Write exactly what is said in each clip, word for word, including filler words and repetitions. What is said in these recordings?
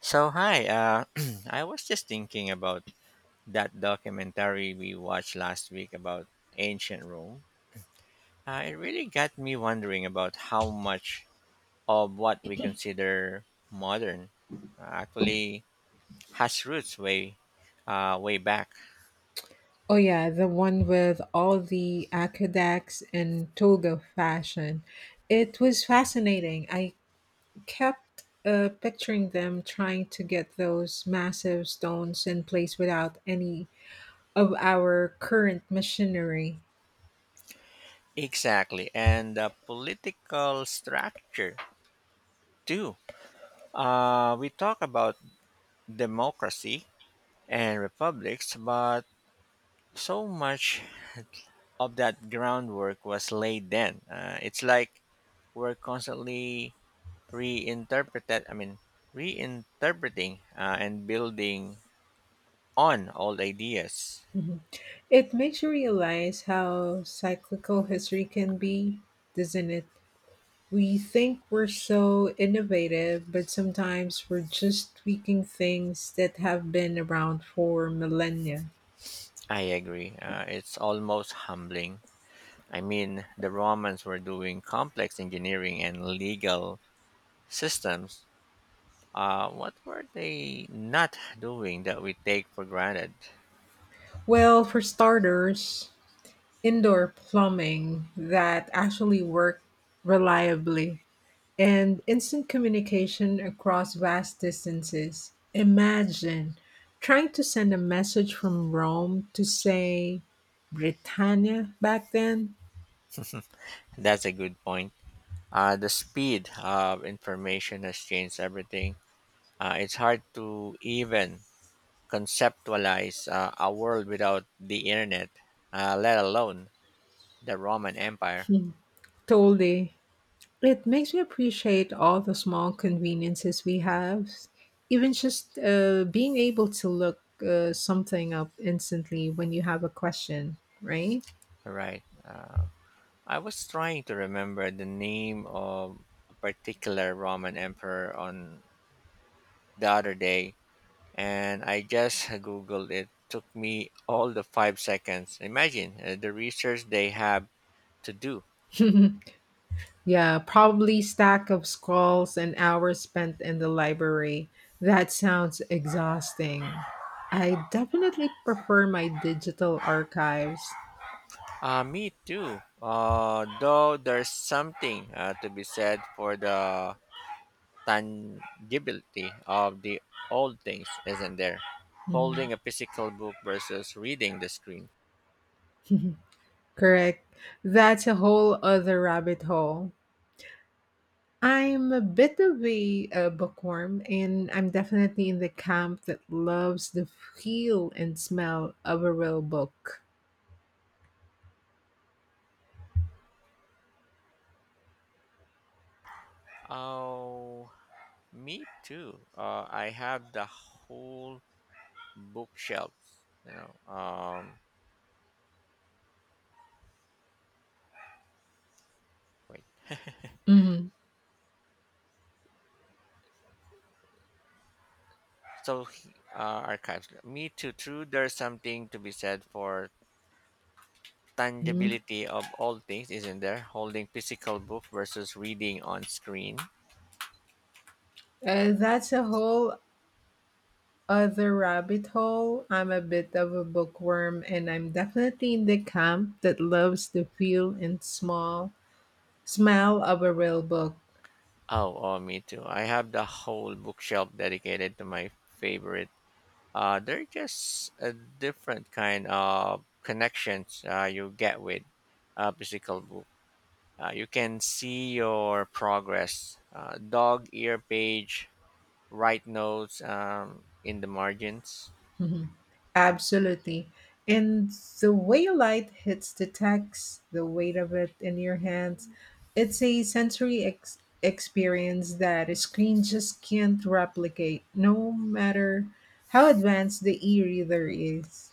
So hi, uh, I was just thinking about that documentary we watched last week about ancient Rome. Uh, it really got me wondering about how much of what we consider modern uh, actually has roots way, uh, way back. Oh yeah, the one with all the aqueducts and toga fashion. It was fascinating. I kept uh, picturing them trying to get those massive stones in place without any of our current machinery. Exactly, and the political structure too. Uh, we talk about democracy and republics, but so much of that groundwork was laid then. Uh, it's like we're constantly reinterpreted. I mean, reinterpreting uh, and building on old ideas. Mhm. It makes you realize how cyclical history can be, doesn't it? We think we're so innovative, but sometimes we're just tweaking things that have been around for millennia. I agree. Uh, it's almost humbling. I mean, the Romans were doing complex engineering and legal systems. Uh, what were they not doing that we take for granted? Well, for starters, indoor plumbing that actually worked reliably and instant communication across vast distances. Imagine trying to send a message from Rome to, say, Britannia back then. That's a good point. Uh, the speed of information has changed everything. Uh, it's hard to even conceptualize uh, a world without the internet, uh, let alone the Roman Empire. Hmm, totally. It makes me appreciate all the small conveniences we have. Even just uh, being able to look uh, something up instantly when you have a question, right? Right. Uh, I was trying to remember the name of a particular Roman emperor on the other day, and I just googled it. Took me all the five seconds. Imagine uh, the research they have to do. Yeah, probably stack of scrolls and hours spent in the library. That sounds exhausting. I definitely prefer my digital archives. Uh, me too. Uh, though there's something uh, to be said for the tangibility of the old things, isn't there? Mhm. Holding a physical book versus reading the screen. Correct. That's a whole other rabbit hole. I'm a bit of a, uh bookworm, and I'm definitely in the camp that loves the feel and smell of a real book. Oh, me too. Uh, I have the whole bookshelves. You know, um, wait. Mhm. So uh, archives. Me too. True. There's something to be said for Uh, tangibility of all things, isn't there? Holding physical book versus reading on screen. that's a whole other rabbit hole. I'm a bit of a bookworm, and I'm definitely in the camp that loves the feel and small smell of a real book. Oh, oh, me too. I have the whole bookshelf dedicated to my favorite. Uh, they're just a different kind of connections uh, you get with a physical book. Uh, you can see your progress, uh, dog ear page, write notes um, in the margins. Mhm. Absolutely. And the way light hits the text, the weight of it in your hands, it's a sensory ex- experience that a screen just can't replicate, no matter how advanced the e reader is.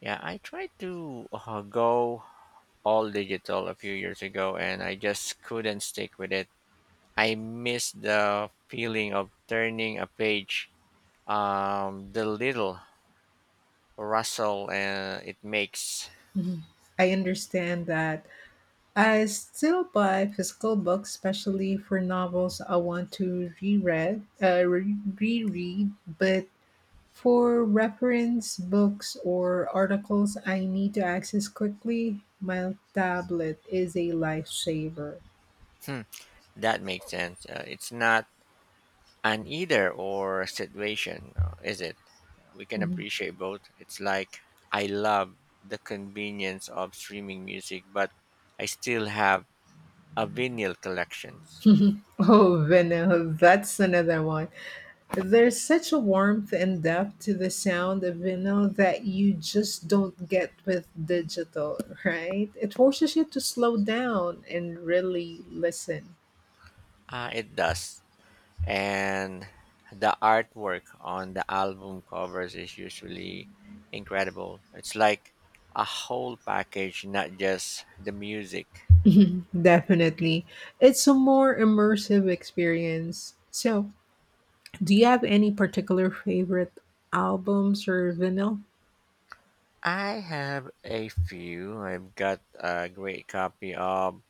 Yeah, I tried to uh, go all digital a few years ago and I just couldn't stick with it. I miss the feeling of turning a page, um, the little rustle uh, it makes. Mhm. I understand that. I still buy physical books, especially for novels I want to reread, uh, re- reread, but for reference books or articles I need to access quickly, my tablet is a lifesaver. Hmm. That makes sense. Uh, it's not an either or situation, uh, is it? We can Mhm. appreciate both. It's like I love the convenience of streaming music, but I still have a vinyl collections. Oh, vinyl, that's another one. There's such a warmth and depth to the sound of vinyl that you just don't get with digital, right? It forces you to slow down and really listen. Uh, it does. And the artwork on the album covers is usually incredible. It's like a whole package, not just the music. Mhm, definitely. It's a more immersive experience. So, do you have any particular favorite albums or vinyl? I have a few. I've got a great copy of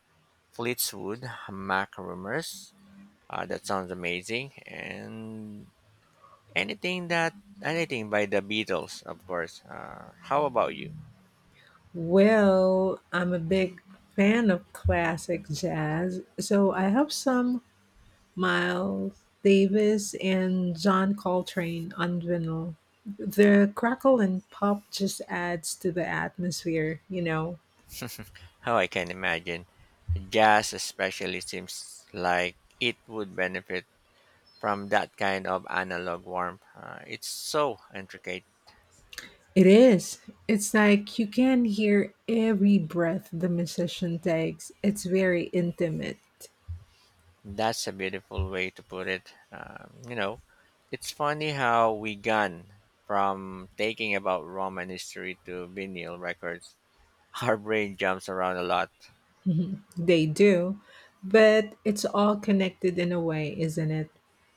Fleetwood Mac Rumors. Uh, that sounds amazing. And anything that anything by the Beatles, of course. Uh, how about you? Well, I'm a big fan of classic jazz, so I have some Miles Davis and John Coltrane on vinyl. The crackle and pop just adds to the atmosphere, you know. How I can imagine jazz, especially, seems like it would benefit from that kind of analog warmth. Uh, it's so intricate. It is. It's like you can hear every breath the musician takes. It's very intimate. That's a beautiful way to put it. Um, you know, it's funny how we gone from thinking about Roman history to vinyl records. Our brain jumps around a lot. Mhm. They do, but it's all connected in a way, isn't it?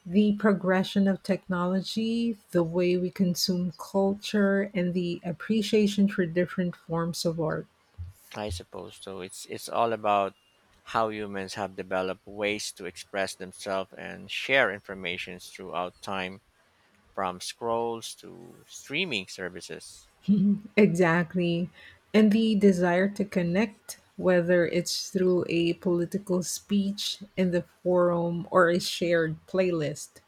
The progression of technology, the way we consume culture, and the appreciation for different forms of art. I suppose so. It's it's all about how humans have developed ways to express themselves and share information throughout time, from scrolls to streaming services. Exactly. And the desire to connect, whether it's through a political speech in the forum or a shared playlist.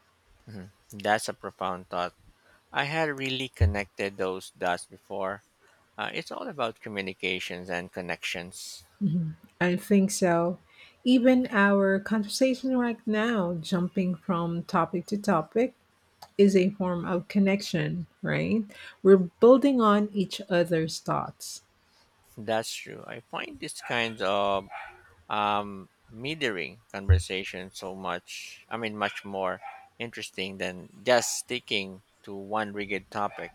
Mhm. That's a profound thought. I had really connected those dots before. Uh, it's all about communications and connections. I think so. Even our conversation right now, jumping from topic to topic, is a form of connection, right? We're building on each other's thoughts. That's true. I find this kind of um, metering conversation so much, I mean, much more interesting than just sticking to one rigid topic.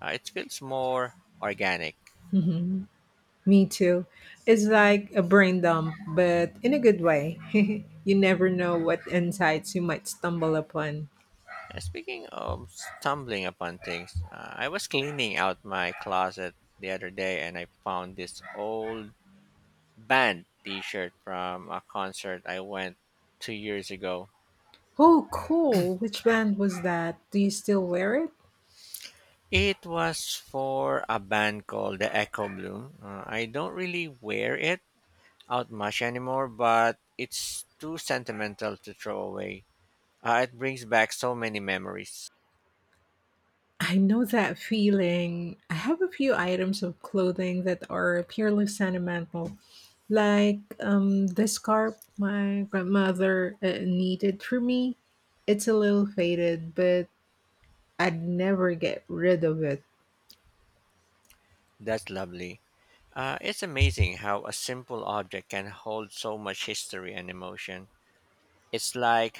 Uh, it feels more organic. Mhm. Me too. It's like a brain dump, but in a good way. You never know what insights you might stumble upon. Uh, Speaking of stumbling upon things, uh, I was cleaning out my closet the other day and I found this old band t shirt from a concert I went two years ago. Oh, cool. Which band was that? Do you still wear it? It was for a band called the Echo Bloom. Uh, I don't really wear it out much anymore, but it's too sentimental to throw away. Uh, it brings back so many memories. I know that feeling. I have a few items of clothing that are purely sentimental, like um, the scarf my grandmother uh, needed for me. It's a little faded, but I'd never get rid of it. That's lovely. Uh, it's amazing how a simple object can hold so much history and emotion. It's like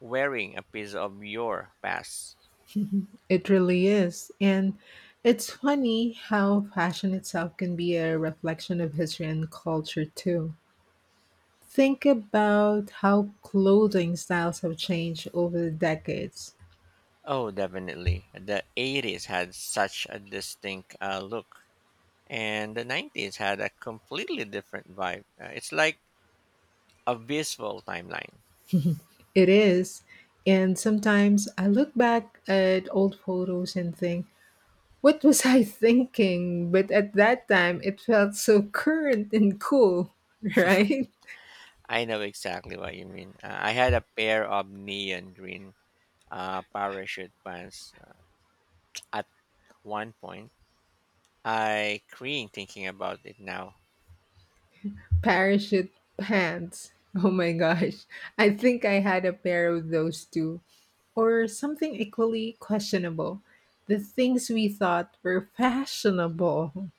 wearing a piece of your past. It really is. And it's funny how fashion itself can be a reflection of history and culture, too. Think about how clothing styles have changed over the decades. Oh, definitely. The eighties had such a distinct uh, look, and the nineties had a completely different vibe. Uh, it's like a visual timeline. It is. And sometimes I look back at old photos and think, what was I thinking? But at that time, it felt so current and cool, right? I know exactly what you mean. Uh, I had a pair of neon green uh, parachute pants at one point. I cringe thinking about it now. Parachute pants. Oh my gosh. I think I had a pair of those too. Or something equally questionable. The things we thought were fashionable.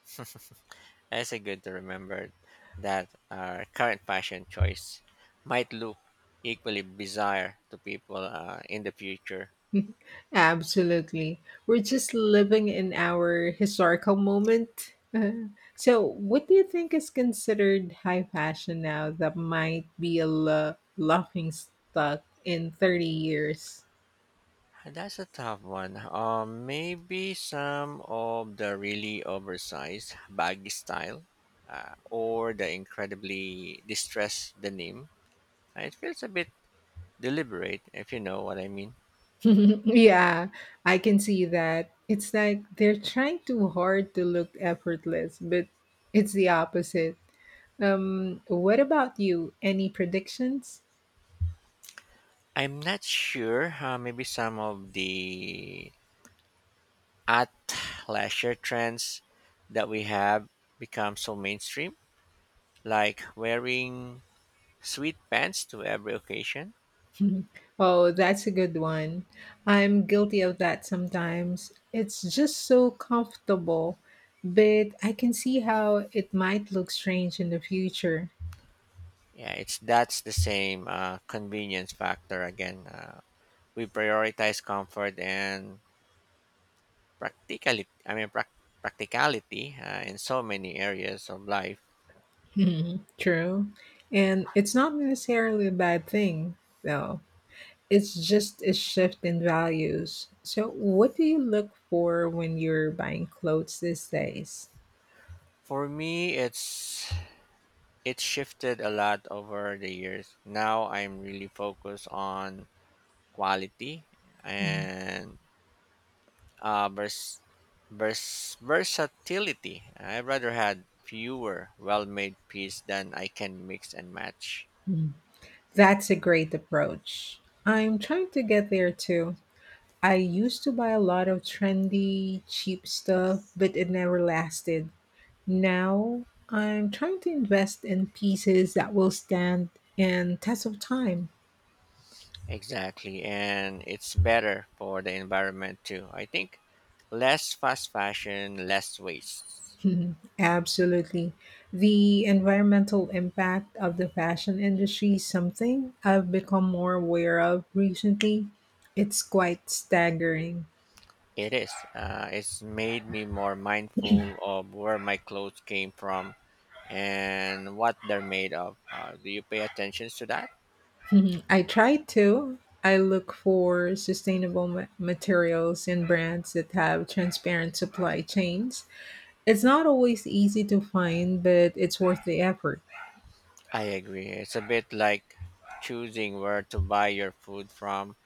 It's a good to remember that our current fashion choice might look equally bizarre to people uh, in the future. Absolutely. We're just living in our historical moment. Uh, so, what do you think is considered high fashion now that might be a la- laughing stock in thirty years? That's a tough one. Um, maybe some of the really oversized baggy style, uh, or the incredibly distressed denim. It feels a bit deliberate, if you know what I mean. Yeah, I can see that. It's like they're trying too hard to look effortless, but it's the opposite. Um, what about you? Any predictions? I'm not sure. Uh, maybe some of the at leisure trends that we have become so mainstream, like wearing sweet pants to every occasion. Mhm. Oh, that's a good one. I'm guilty of that sometimes. It's just so comfortable, but I can see how it might look strange in the future. Yeah, it's that's the same uh, convenience factor again. Uh, we prioritize comfort and practicality. I mean, prac practicality uh, in so many areas of life. Mhm. True. And it's not necessarily a bad thing, though. It's just a shift in values. So, what do you look for when you're buying clothes these days? For me, it's it shifted a lot over the years. Now I'm really focused on quality and uh, vers- vers- versatility. I rather had fewer well-made pieces than I can mix and match. Mhm. That's a great approach. I'm trying to get there too. I used to buy a lot of trendy, cheap stuff, but it never lasted. Now I'm trying to invest in pieces that will stand and test of time. Exactly, and it's better for the environment too. I think less fast fashion, less waste. Mhm. Absolutely. The environmental impact of the fashion industry is something I've become more aware of recently. It's quite staggering. It is. Uh, it's made me more mindful of where my clothes came from and what they're made of. Uh, do you pay attention to that? Mhm. I try to. I look for sustainable ma- materials and brands that have transparent supply chains. It's not always easy to find, but it's worth the effort. I agree. It's a bit like choosing where to buy your food from.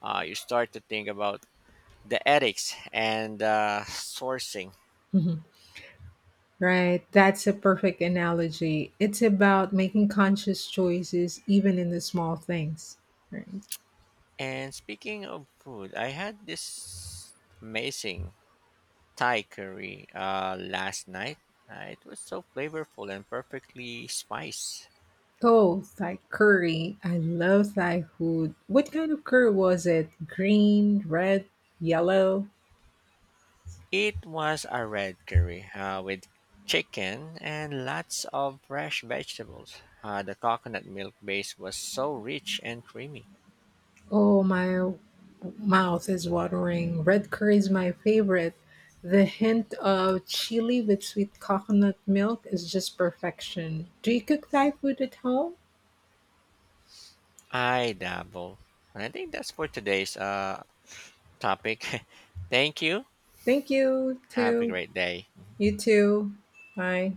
Uh, you start to think about the ethics and uh, sourcing. Mhm. Right, that's a perfect analogy. It's about making conscious choices even in the small things. Right. And speaking of food, I had this amazing Thai curry uh, last night. Uh, it was so flavorful and perfectly spiced. Oh, Thai curry. I love Thai food. What kind of curry was it? Green, red, yellow? It was a red curry uh, with chicken and lots of fresh vegetables. Uh, the coconut milk base was so rich and creamy. Oh, my mouth is watering. Red curry is my favorite. The hint of chili with sweet coconut milk is just perfection. Do you cook Thai food at home? I dabble. And I think that's for today's uh, topic. Thank you. Thank you, Have a too. great day. You too. Bye.